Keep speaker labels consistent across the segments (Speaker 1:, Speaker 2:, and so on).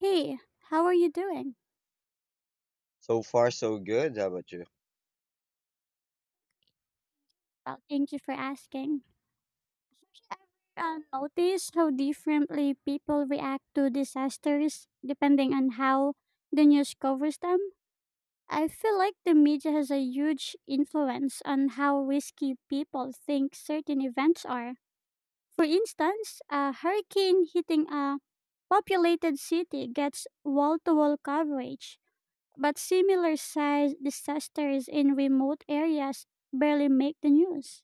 Speaker 1: Hey, how are you doing?
Speaker 2: So far, so good. How about you?
Speaker 1: Well, thank you for asking. Ever notice how differently people react to disasters depending on how the news covers them? I feel like the media has a huge influence on how risky people think certain events are. For instance, a hurricane hitting a populated city gets wall to wall coverage, but similar sized disasters in remote areas barely make the news.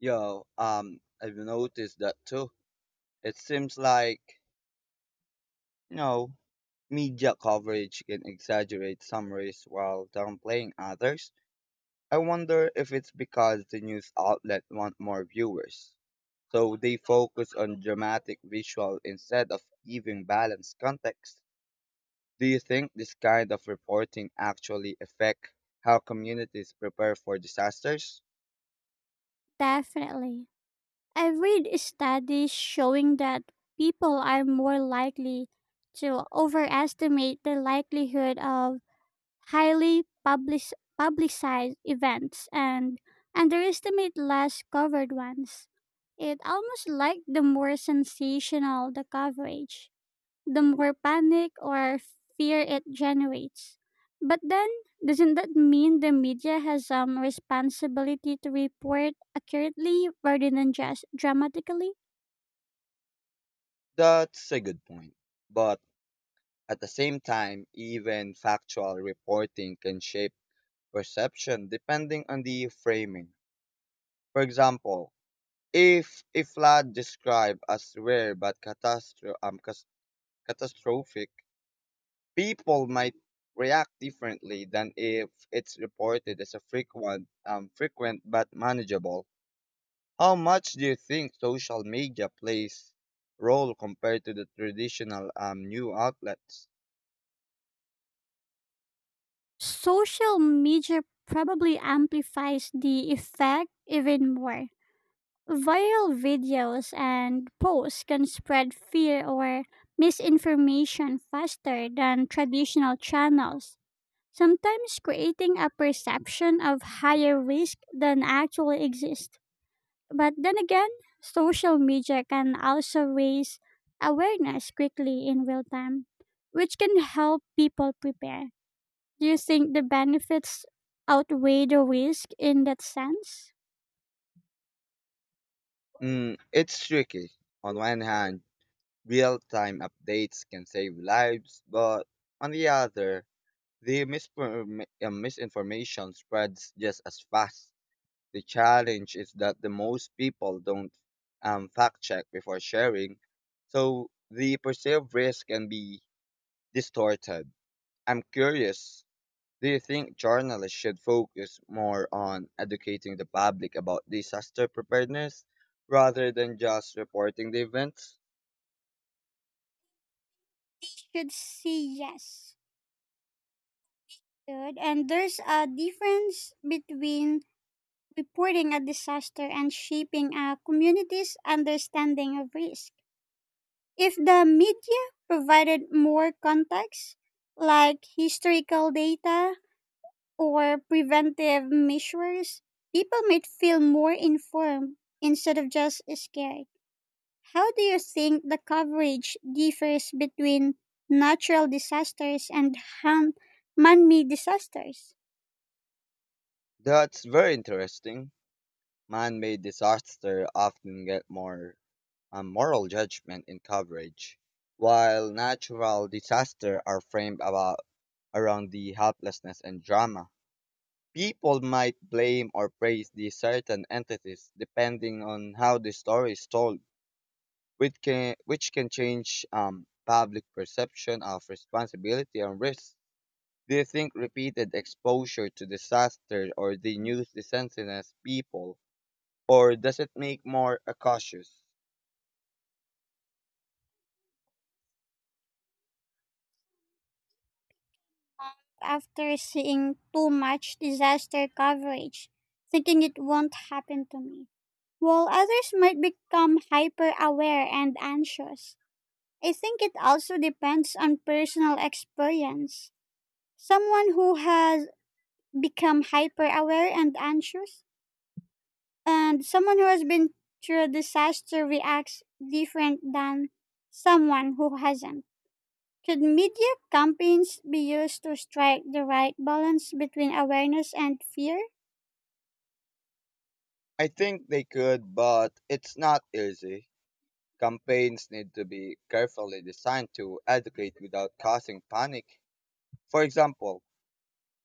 Speaker 2: I've noticed that too. It seems like, you know, media coverage can exaggerate some risks while downplaying others. I wonder if it's because the news outlet want more viewers. So they focus on dramatic visual instead of giving balanced context. Do you think this kind of reporting actually affect how communities prepare for disasters?
Speaker 1: Definitely. I read studies showing that people are more likely to overestimate the likelihood of highly publicized events and underestimate less covered ones. It almost like the more sensational the coverage, the more panic or fear it generates. But then, doesn't that mean the media has some responsibility to report accurately rather than just dramatically?
Speaker 2: That's a good point. But at the same time, even factual reporting can shape perception depending on the framing. For example, if a flood described as rare but catastrophic, people might react differently than if it's reported as a frequent but manageable. How much do you think social media plays role compared to the traditional new outlets?
Speaker 1: Social media probably amplifies the effect even more. Viral videos and posts can spread fear or misinformation faster than traditional channels sometimes creating a perception of higher risk than actually exists. But then again, social media can also raise awareness quickly in real time, which can help people prepare. Do you think the benefits outweigh the risk in that sense?
Speaker 2: Mm, it's tricky. On one hand, real time updates can save lives, but on the other, the misinformation spreads just as fast. The challenge is that the most people don't fact check before sharing, so the perceived risk can be distorted. I'm curious, do you think journalists should focus more on educating the public about disaster preparedness rather than just reporting the events?
Speaker 1: Should see yes. Good. And there's a difference between reporting a disaster and shaping a community's understanding of risk. If the media provided more context, like historical data or preventive measures, people might feel more informed instead of just scared. How do you think the coverage differs between natural disasters and han- man made disasters?
Speaker 2: That's very interesting. Man-made disasters often get more moral judgment in coverage, while natural disasters are framed about around the helplessness and drama. People might blame or praise these certain entities depending on how the story is told, which can change public perception of responsibility and risk. Do you think repeated exposure to disaster or the news desensitizes people or does it make more a cautious?
Speaker 1: After seeing too much disaster coverage, thinking it won't happen to me, while others might become hyper aware and anxious. I think it also depends on personal experience. Someone who has become hyper aware and anxious, and someone who has been through a disaster reacts different than someone who hasn't. Could media campaigns be used to strike the right balance between awareness and fear?
Speaker 2: I think they could, but it's not easy. Campaigns need to be carefully designed to educate without causing panic. For example,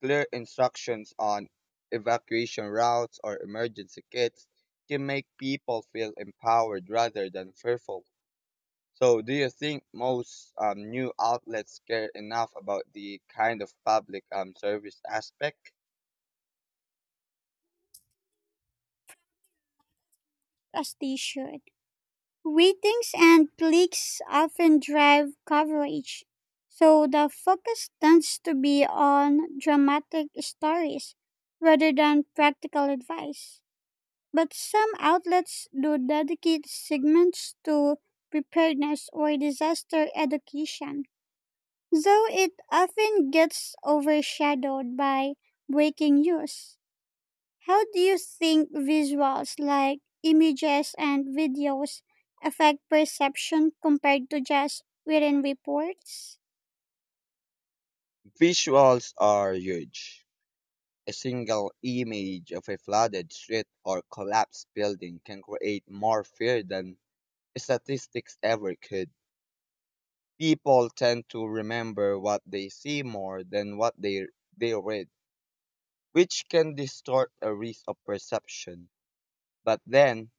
Speaker 2: clear instructions on evacuation routes or emergency kits can make people feel empowered rather than fearful. So, do you think most new outlets care enough about the kind of public service aspect?
Speaker 1: As they should. Ratings and clicks often drive coverage, so the focus tends to be on dramatic stories rather than practical advice. But some outlets do dedicate segments to preparedness or disaster education, though it often gets overshadowed by breaking news. How do you think visuals like images and videos affect perception compared to just written reports?
Speaker 2: Visuals are huge. A single image of a flooded street or collapsed building can create more fear than statistics ever could. People tend to remember what they see more than what they read, which can distort a risk of perception. But then,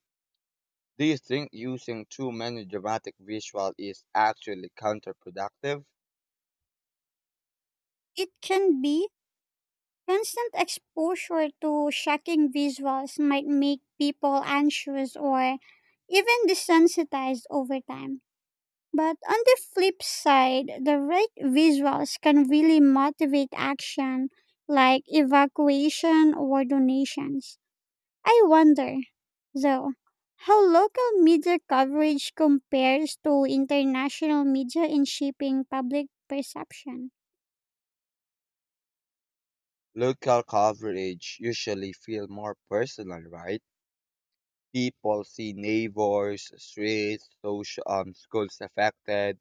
Speaker 2: do you think using too many dramatic visuals is actually counterproductive?
Speaker 1: It can be constant exposure to shocking visuals might make people anxious or even desensitized over time. But on the flip side, the right visuals can really motivate action like evacuation or donations. I wonder, though, how local media coverage compares to international media in shaping public perception.
Speaker 2: Local coverage usually feel more personal, right? People see neighbors, streets, schools affected,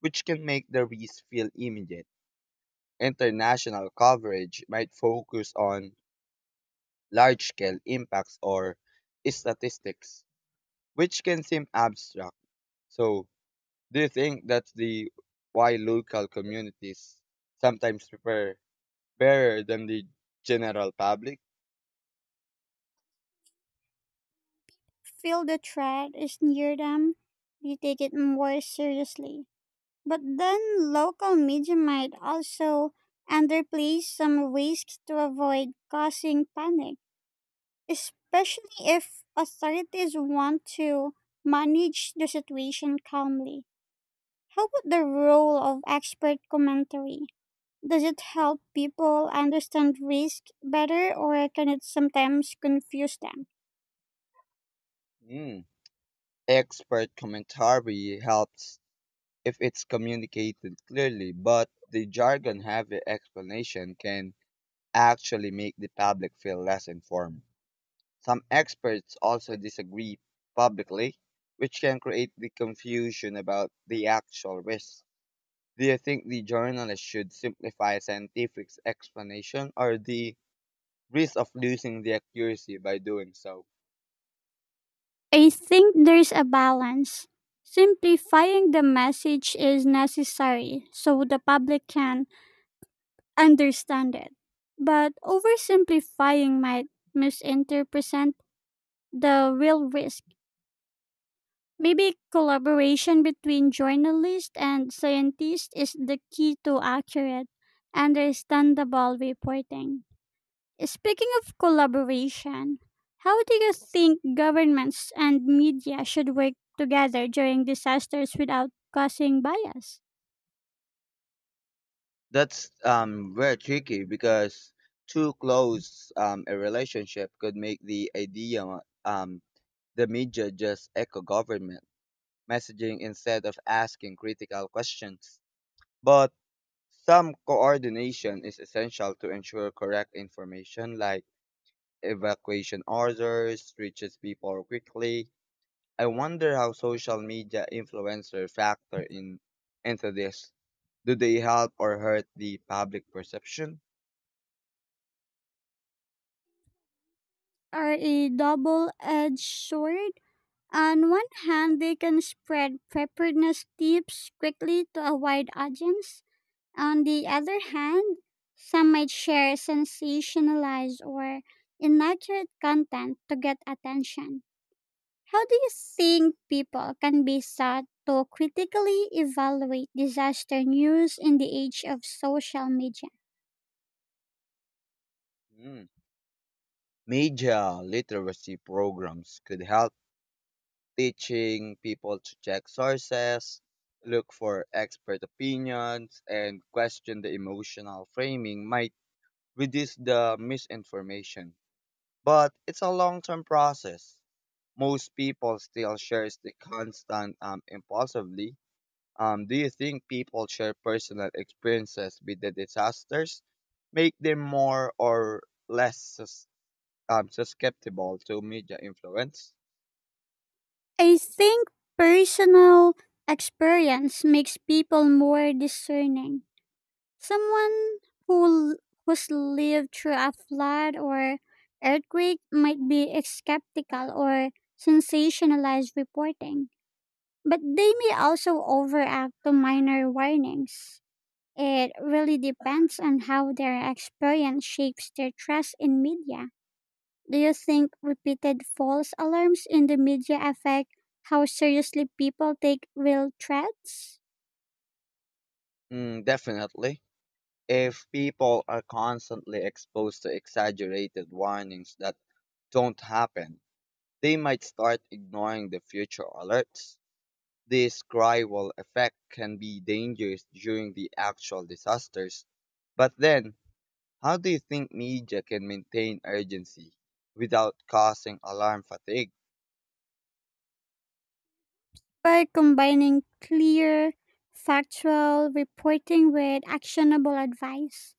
Speaker 2: which can make the risk feel immediate. International coverage might focus on large scale impacts or statistics, which can seem abstract. So, do you think that's the why local communities sometimes prepare better than the general public?
Speaker 1: Feel the threat is near them, you take it more seriously. But then local media might also underplay some risks to avoid causing panic, especially if authorities want to manage the situation calmly. How about the role of expert commentary? Does it help people understand risk better or can it sometimes confuse them?
Speaker 2: Mm. Expert commentary helps if it's communicated clearly, but the jargon heavy explanation can actually make the public feel less informed. Some experts also disagree publicly, which can create the confusion about the actual risk. Do you think the journalist should simplify scientific explanation or the risk of losing the accuracy by doing so?
Speaker 1: I think there's a balance. Simplifying the message is necessary so the public can understand it. But oversimplifying might misinterpret the real risk. Maybe collaboration between journalists and scientists is the key to accurate, understandable reporting. Speaking of collaboration, how do you think governments and media should work together during disasters without causing bias?
Speaker 2: That's very tricky because too close a relationship could make the idea um the media just echo government messaging instead of asking critical questions. But some coordination is essential to ensure correct information like evacuation orders reaches people quickly. I wonder how social media influencer factor in into this. Do they help or hurt the public perception?
Speaker 1: Are a double edged sword. On one hand, they can spread preparedness tips quickly to a wide audience. On the other hand, some might share sensationalized or inaccurate content to get attention. How do you think people can be set to critically evaluate disaster news in the age of social media?
Speaker 2: Mm. Media literacy programs could help teaching people to check sources, look for expert opinions, and question the emotional framing might reduce the misinformation. But it's a long term process. Most people still shares the constant impulsively. Do you think people share personal experiences with the disasters? Make them more or less I'm so skeptical to media influence.
Speaker 1: I think personal experience makes people more discerning. Someone who who's lived through a flood or earthquake might be skeptical or sensationalized reporting, but they may also overact to minor warnings. It really depends on how their experience shapes their trust in media. Do you think repeated false alarms in the media affect how seriously people take real threats?
Speaker 2: Mm, definitely. If people are constantly exposed to exaggerated warnings that don't happen, they might start ignoring the future alerts. This cry-wall effect can be dangerous during the actual disasters. But then, how do you think media can maintain urgency without causing alarm fatigue?
Speaker 1: By combining clear, factual reporting with actionable advice.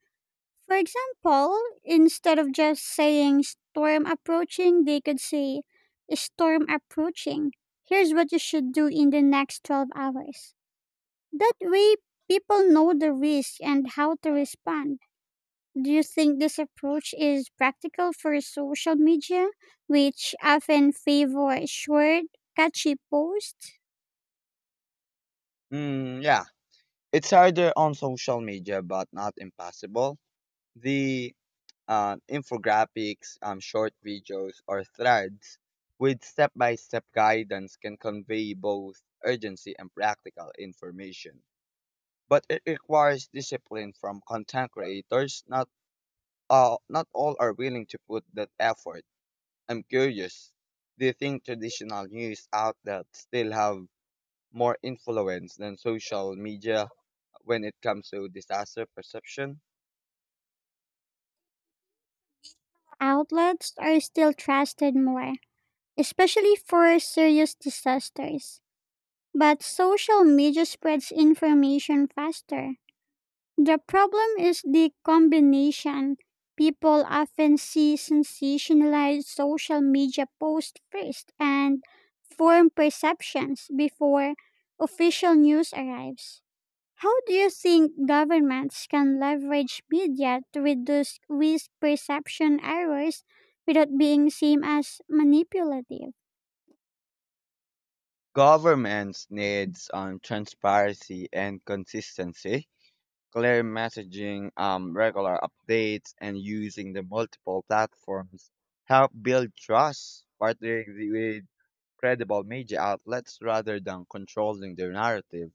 Speaker 1: For example, instead of just saying storm approaching, they could say storm approaching. Here's what you should do in the next 12 hours. That way, people know the risk and how to respond. Do you think this approach is practical for social media, which often favor short, catchy posts?
Speaker 2: Mm, yeah, it's harder on social media, but not impossible. The infographics, short videos, or threads with step by step guidance can convey both urgency and practical information. But it requires discipline from content creators. Not all are willing to put that effort. I'm curious. Do you think traditional news outlets still have more influence than social media when it comes to disaster perception?
Speaker 1: Outlets are still trusted more, especially for serious disasters. But social media spreads information faster. The problem is the combination. People often see sensationalized social media posts first and form perceptions before official news arrives. How do you think governments can leverage media to reduce risk perception errors without being seen as manipulative?
Speaker 2: Governments needs transparency and consistency, clear messaging, regular updates, and using the multiple platforms help build trust, with credible media outlets rather than controlling their narrative.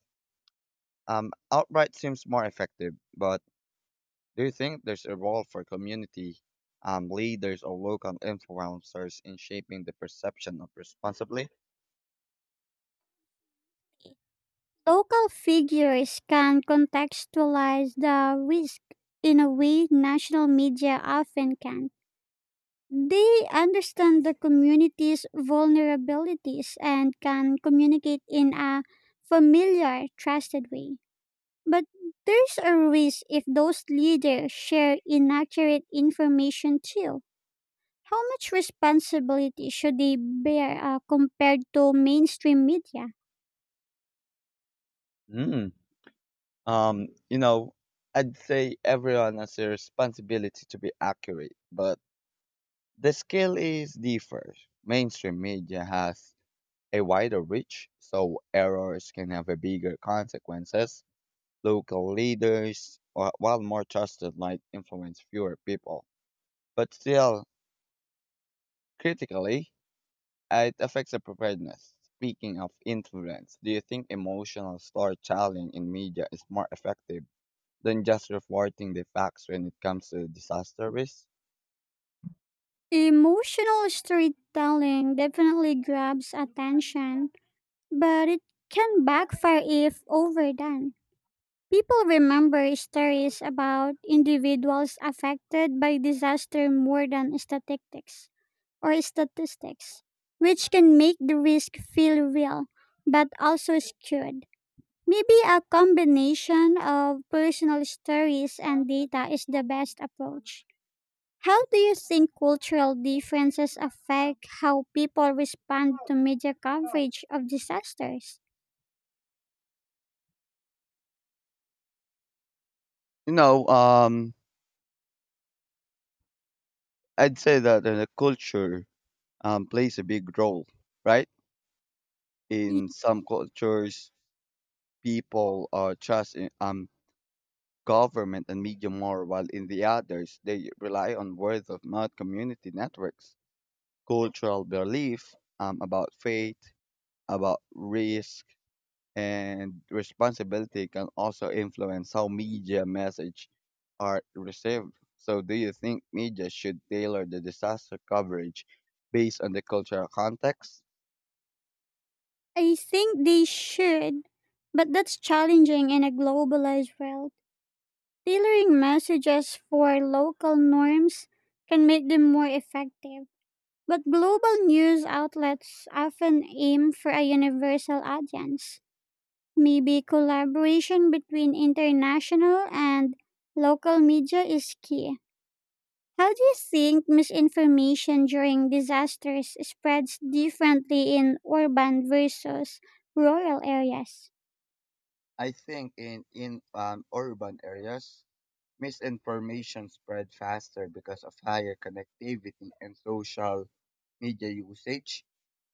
Speaker 2: Outright seems more effective, but do you think there's a role for community leaders or local influencers in shaping the perception of responsibly?
Speaker 1: Local figures can contextualize the risk in a way national media often can. They understand the community's vulnerabilities and can communicate in a familiar, trusted way. But there's a risk if those leaders share inaccurate information too. How much responsibility should they bear compared to mainstream media?
Speaker 2: Hmm. Um, you know, I'd say everyone has a responsibility to be accurate, but the scale is differs. Mainstream media has a wider reach, so errors can have a bigger consequences. Local leaders, while more trusted, might influence fewer people. But still, critically, it affects the preparedness. Speaking of influence, do you think emotional storytelling in media is more effective than just reporting the facts when it comes to disaster risk.
Speaker 1: Emotional storytelling definitely grabs attention, but it can backfire if overdone. People remember stories about individuals affected by disaster more than statistics or statistics, which can make the risk feel real but also skewed. Maybe a combination of personal stories and data is the best approach. How do you think cultural differences affect how people respond to media coverage of disasters?
Speaker 2: You know, um, I'd say that the culture plays a big role, right? In some cultures, people are trust in government and media more, while in the others, they rely on word of mouth community networks, cultural belief about faith, about risk, and responsibility can also influence how media message are received. So, do you think media should tailor the disaster coverage based on the cultural context?
Speaker 1: I think they should, but that's challenging in a globalized world. Tailoring messages for local norms can make them more effective, but global news outlets often aim for a universal audience. Maybe collaboration between international and local media is key. How do you think misinformation during disasters spreads differently in urban versus rural areas?
Speaker 2: I think in urban areas, misinformation spread faster because of higher connectivity and social media usage.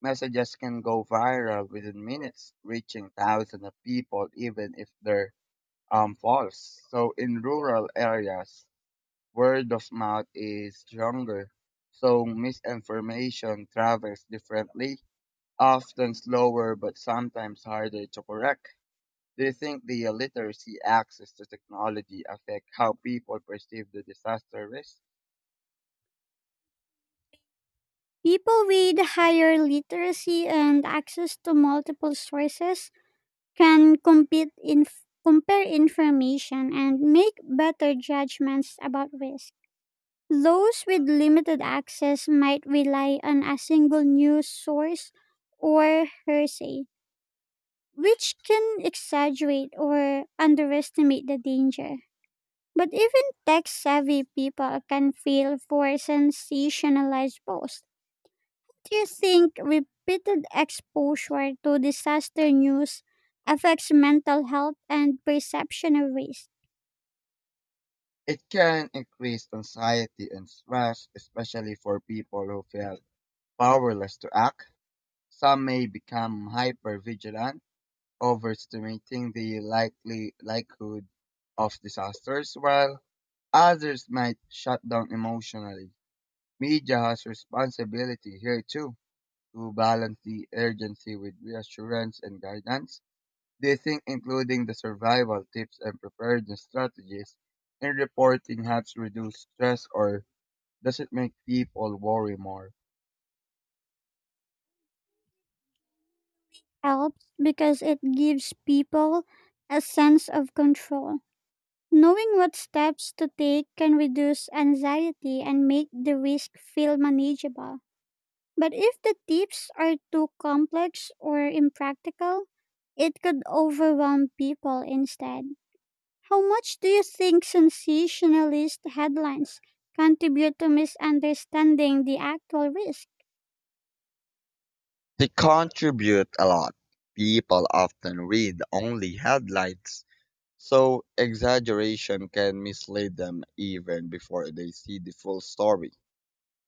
Speaker 2: Messages can go viral within minutes, reaching thousands of people, even if they're falls. So in rural areas, word of mouth is stronger. So misinformation travels differently, often slower, but sometimes harder to correct. Do you think the illiteracy access to technology affect how people perceive the disaster risk?
Speaker 1: People with higher literacy and access to multiple sources can compete in compare information and make better judgments about risk. Those with limited access might rely on a single news source or hearsay, which can exaggerate or underestimate the danger. But even tech savvy people can feel for sensationalized posts. Do you think repeated exposure to disaster news affects mental health and perception of risk?
Speaker 2: It can increase anxiety and stress, especially for people who feel powerless to act. Some may become hyper vigilant overestimating the likely likelihood of disasters, while others might shut down emotionally. Media has responsibility here too to balance the urgency with reassurance and guidance. They think including the survival tips and preparedness strategies in reporting helps reduce stress or does it make people worry more?
Speaker 1: Helps because it gives people a sense of control. Knowing what steps to take can reduce anxiety and make the risk feel manageable. But if the tips are too complex or impractical, it could overwhelm people instead. How much do you think sensationalist headlines contribute to misunderstanding the actual risk?
Speaker 2: They contribute a lot. People often read only headlines. So exaggeration can mislead them even before they see the full story.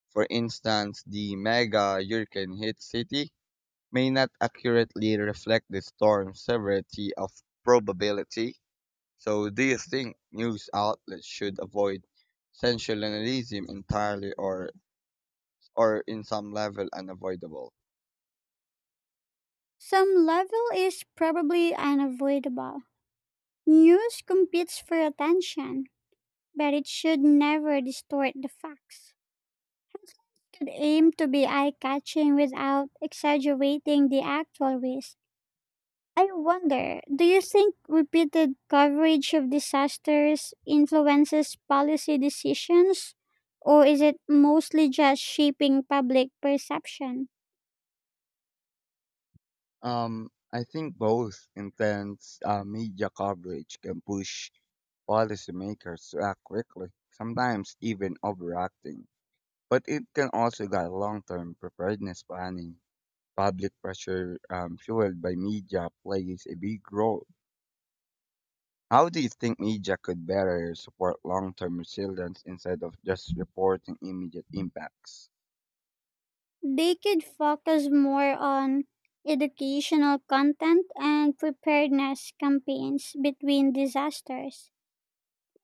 Speaker 2: For instance, the mega hurricane hit city may not accurately reflect the storm's severity of probability. So do you think news outlets should avoid sensationalism entirely or in some level unavoidable?
Speaker 1: Some level is probably unavoidable. News competes for attention, but it should never distort the facts. It should aim to be eye catching without exaggerating the actual risk. I wonder, do you think repeated coverage of disasters influences policy decisions? Or is it mostly just shaping public perception?
Speaker 2: I think both intense media coverage can push policymakers to act quickly, sometimes even overacting. But it can also guide long-term preparedness planning. Public pressure fueled by media plays a big role. How do you think media could better support long-term resilience instead of just reporting immediate impacts?
Speaker 1: They could focus more on educational content and preparedness campaigns between disasters.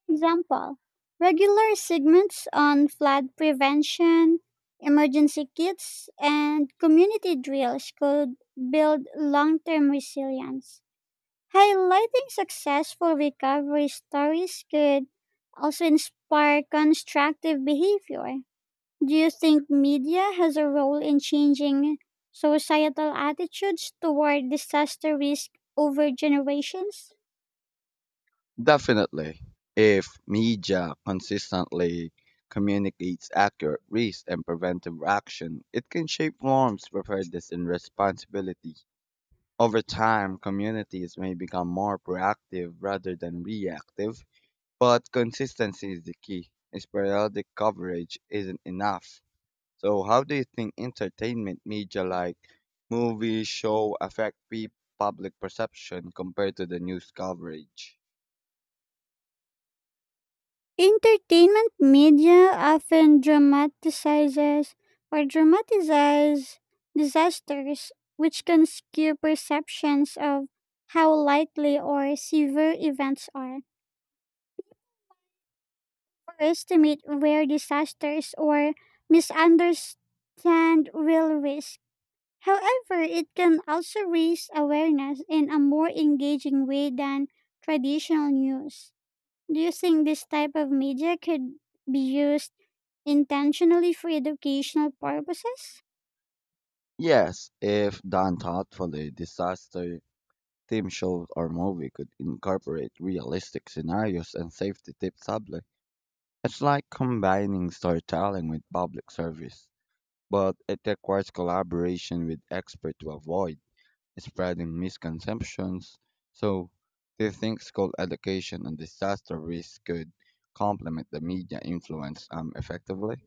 Speaker 1: Example, regular segments on flood prevention, emergency kits, and community drills could build long term resilience. Highlighting successful recovery stories could also inspire constructive behavior. Do you think media has a role in changing societal attitudes toward disaster risk over generations?
Speaker 2: Definitely. If media consistently communicates accurate risk and preventive action, it can shape norms, preparedness, and responsibility. Over time, communities may become more proactive rather than reactive, but consistency is the key. Sporadic coverage isn't enough. So, how do you think entertainment media like movies, show public perception compared to the news coverage?
Speaker 1: Entertainment media often dramatizes or dramatizes disasters, which can skew perceptions of how likely or severe events are, or estimate where disasters or misunderstand real risk. However, it can also raise awareness in a more engaging way than traditional news. Do you think this type of media could be used intentionally for educational purposes?
Speaker 2: Yes, if done thoughtfully, disaster theme shows or movie could incorporate realistic scenarios and safety tips subtly. It's like combining storytelling with public service, but it requires collaboration with experts to avoid spreading misconceptions. So, do you think school education on disaster risk could complement the media influence effectively?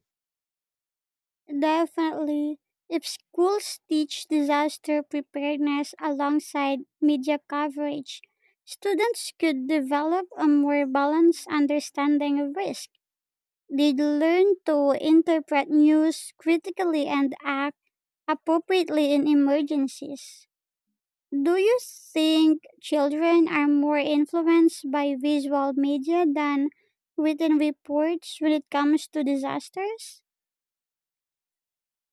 Speaker 1: Definitely. If schools teach disaster preparedness alongside media coverage, students could develop a more balanced understanding of risk. They'd learn to interpret news critically and act appropriately in emergencies. Do you think children are more influenced by visual media than written reports when it comes to disasters?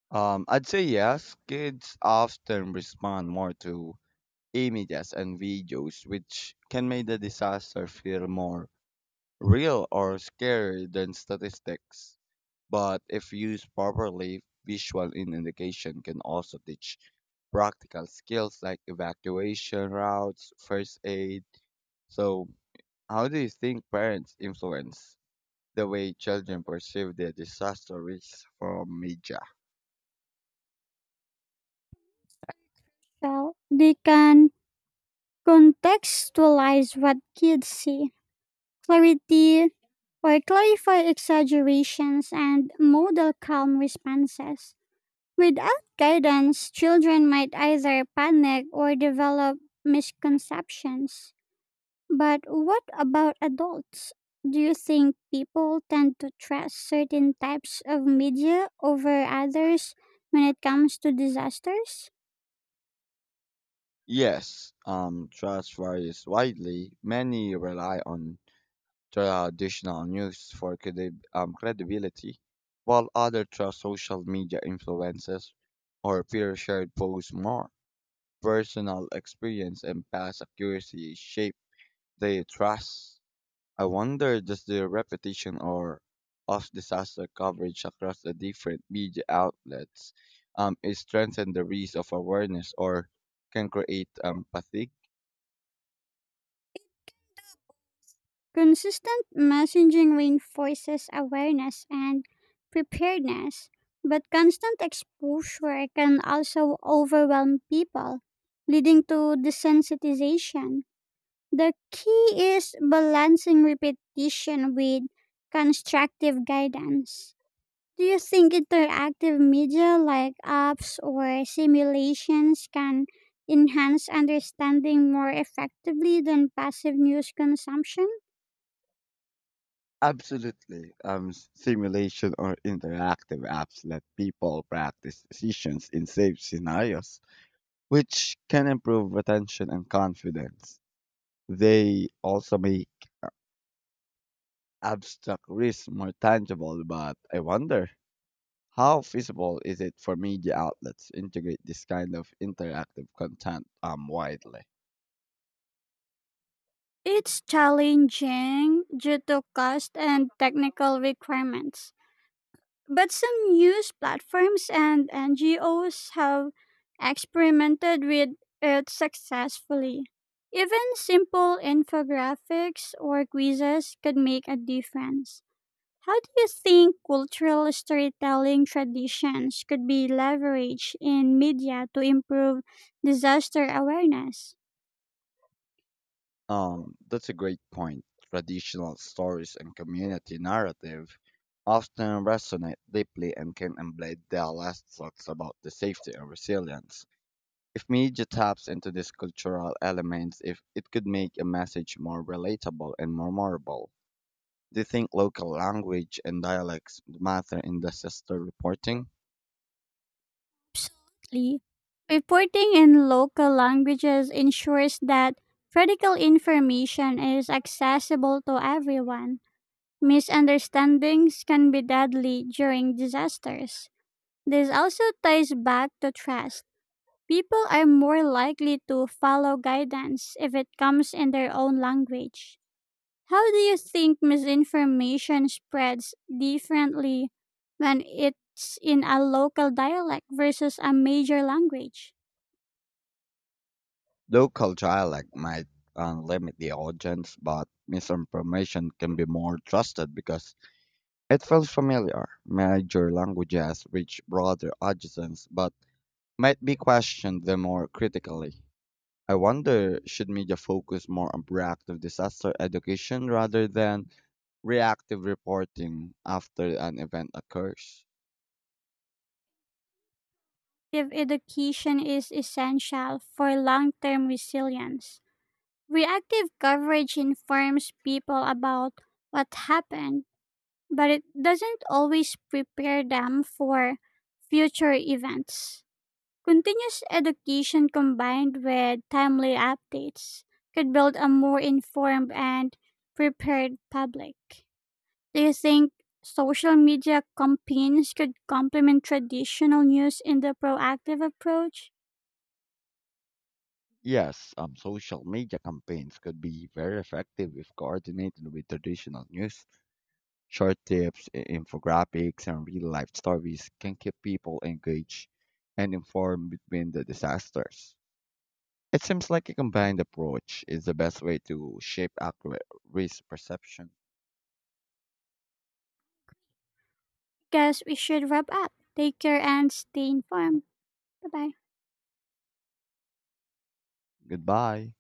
Speaker 2: I'd say yes. Kids often respond more to images and videos, which can make the disaster feel more real or scary than statistics. But if used properly, visual indication can also teach practical skills like evacuation routes, first aid. So, how do you think parents influence the way children perceive their disaster risks from media?
Speaker 1: Well, they can contextualize what kids see, clarity, or clarify exaggerations and model calm responses. Without guidance, children might either panic or develop misconceptions. But what about adults? Do you think people tend to trust certain types of media over others when it comes to disasters?
Speaker 2: Yes, trust varies widely. Many rely on traditional news for credibility, while others trust social media influences or peer-shared posts more. Personal experience and past accuracy shape their trust. I wonder does the repetition or of disaster coverage across the different media outlets is strengthen the risk of awareness or can create fatigue?
Speaker 1: Consistent messaging reinforces awareness and preparedness, but constant exposure can also overwhelm people, leading to desensitization. The key is balancing repetition with constructive guidance. Do you think interactive media like apps or simulations can enhance understanding more effectively than passive news consumption?
Speaker 2: Absolutely. Simulation or interactive apps let people practice decisions in safe scenarios, which can improve attention and confidence. They also make abstract risk more tangible, but I wonder how feasible is it for media outlets to integrate this kind of interactive content widely?
Speaker 1: It's challenging due to cost and technical requirements. But some news platforms and NGOs have experimented with it successfully. Even simple infographics or quizzes could make a difference. How do you think cultural storytelling traditions could be leveraged in media to improve disaster awareness?
Speaker 2: That's a great point. Traditional stories and community narrative often resonate deeply and can embed their last thoughts about the safety and resilience. If media taps into these cultural elements, if it could make a message more relatable and more memorable. Do you think local language and dialects matter in disaster reporting?
Speaker 1: Absolutely. Reporting in local languages ensures that critical information is accessible to everyone. Misunderstandings can be deadly during disasters. This also ties back to trust. People are more likely to follow guidance if it comes in their own language. How do you think misinformation spreads differently when it's in a local dialect versus a major language?
Speaker 2: Local dialect might limit the audience, but misinformation can be more trusted because it felt familiar. Major languages reach broader audiences, but might be questioned the more critically. I wonder should media focus more on proactive disaster education rather than reactive reporting after an event occurs?
Speaker 1: If education is essential for long term resilience, reactive coverage informs people about what happened, but it doesn't always prepare them for future events. Continuous education combined with timely updates could build a more informed and prepared public. Do you think social media campaigns could complement traditional news in the proactive approach?
Speaker 2: Yes, social media campaigns could be very effective if coordinated with traditional news. Short tips, infographics, and real life stories can keep people engaged and informed between the disasters. It seems like a combined approach is the best way to shape accurate risk perception.
Speaker 1: Guess we should wrap up. Take care and stay informed. Bye bye.
Speaker 2: Goodbye.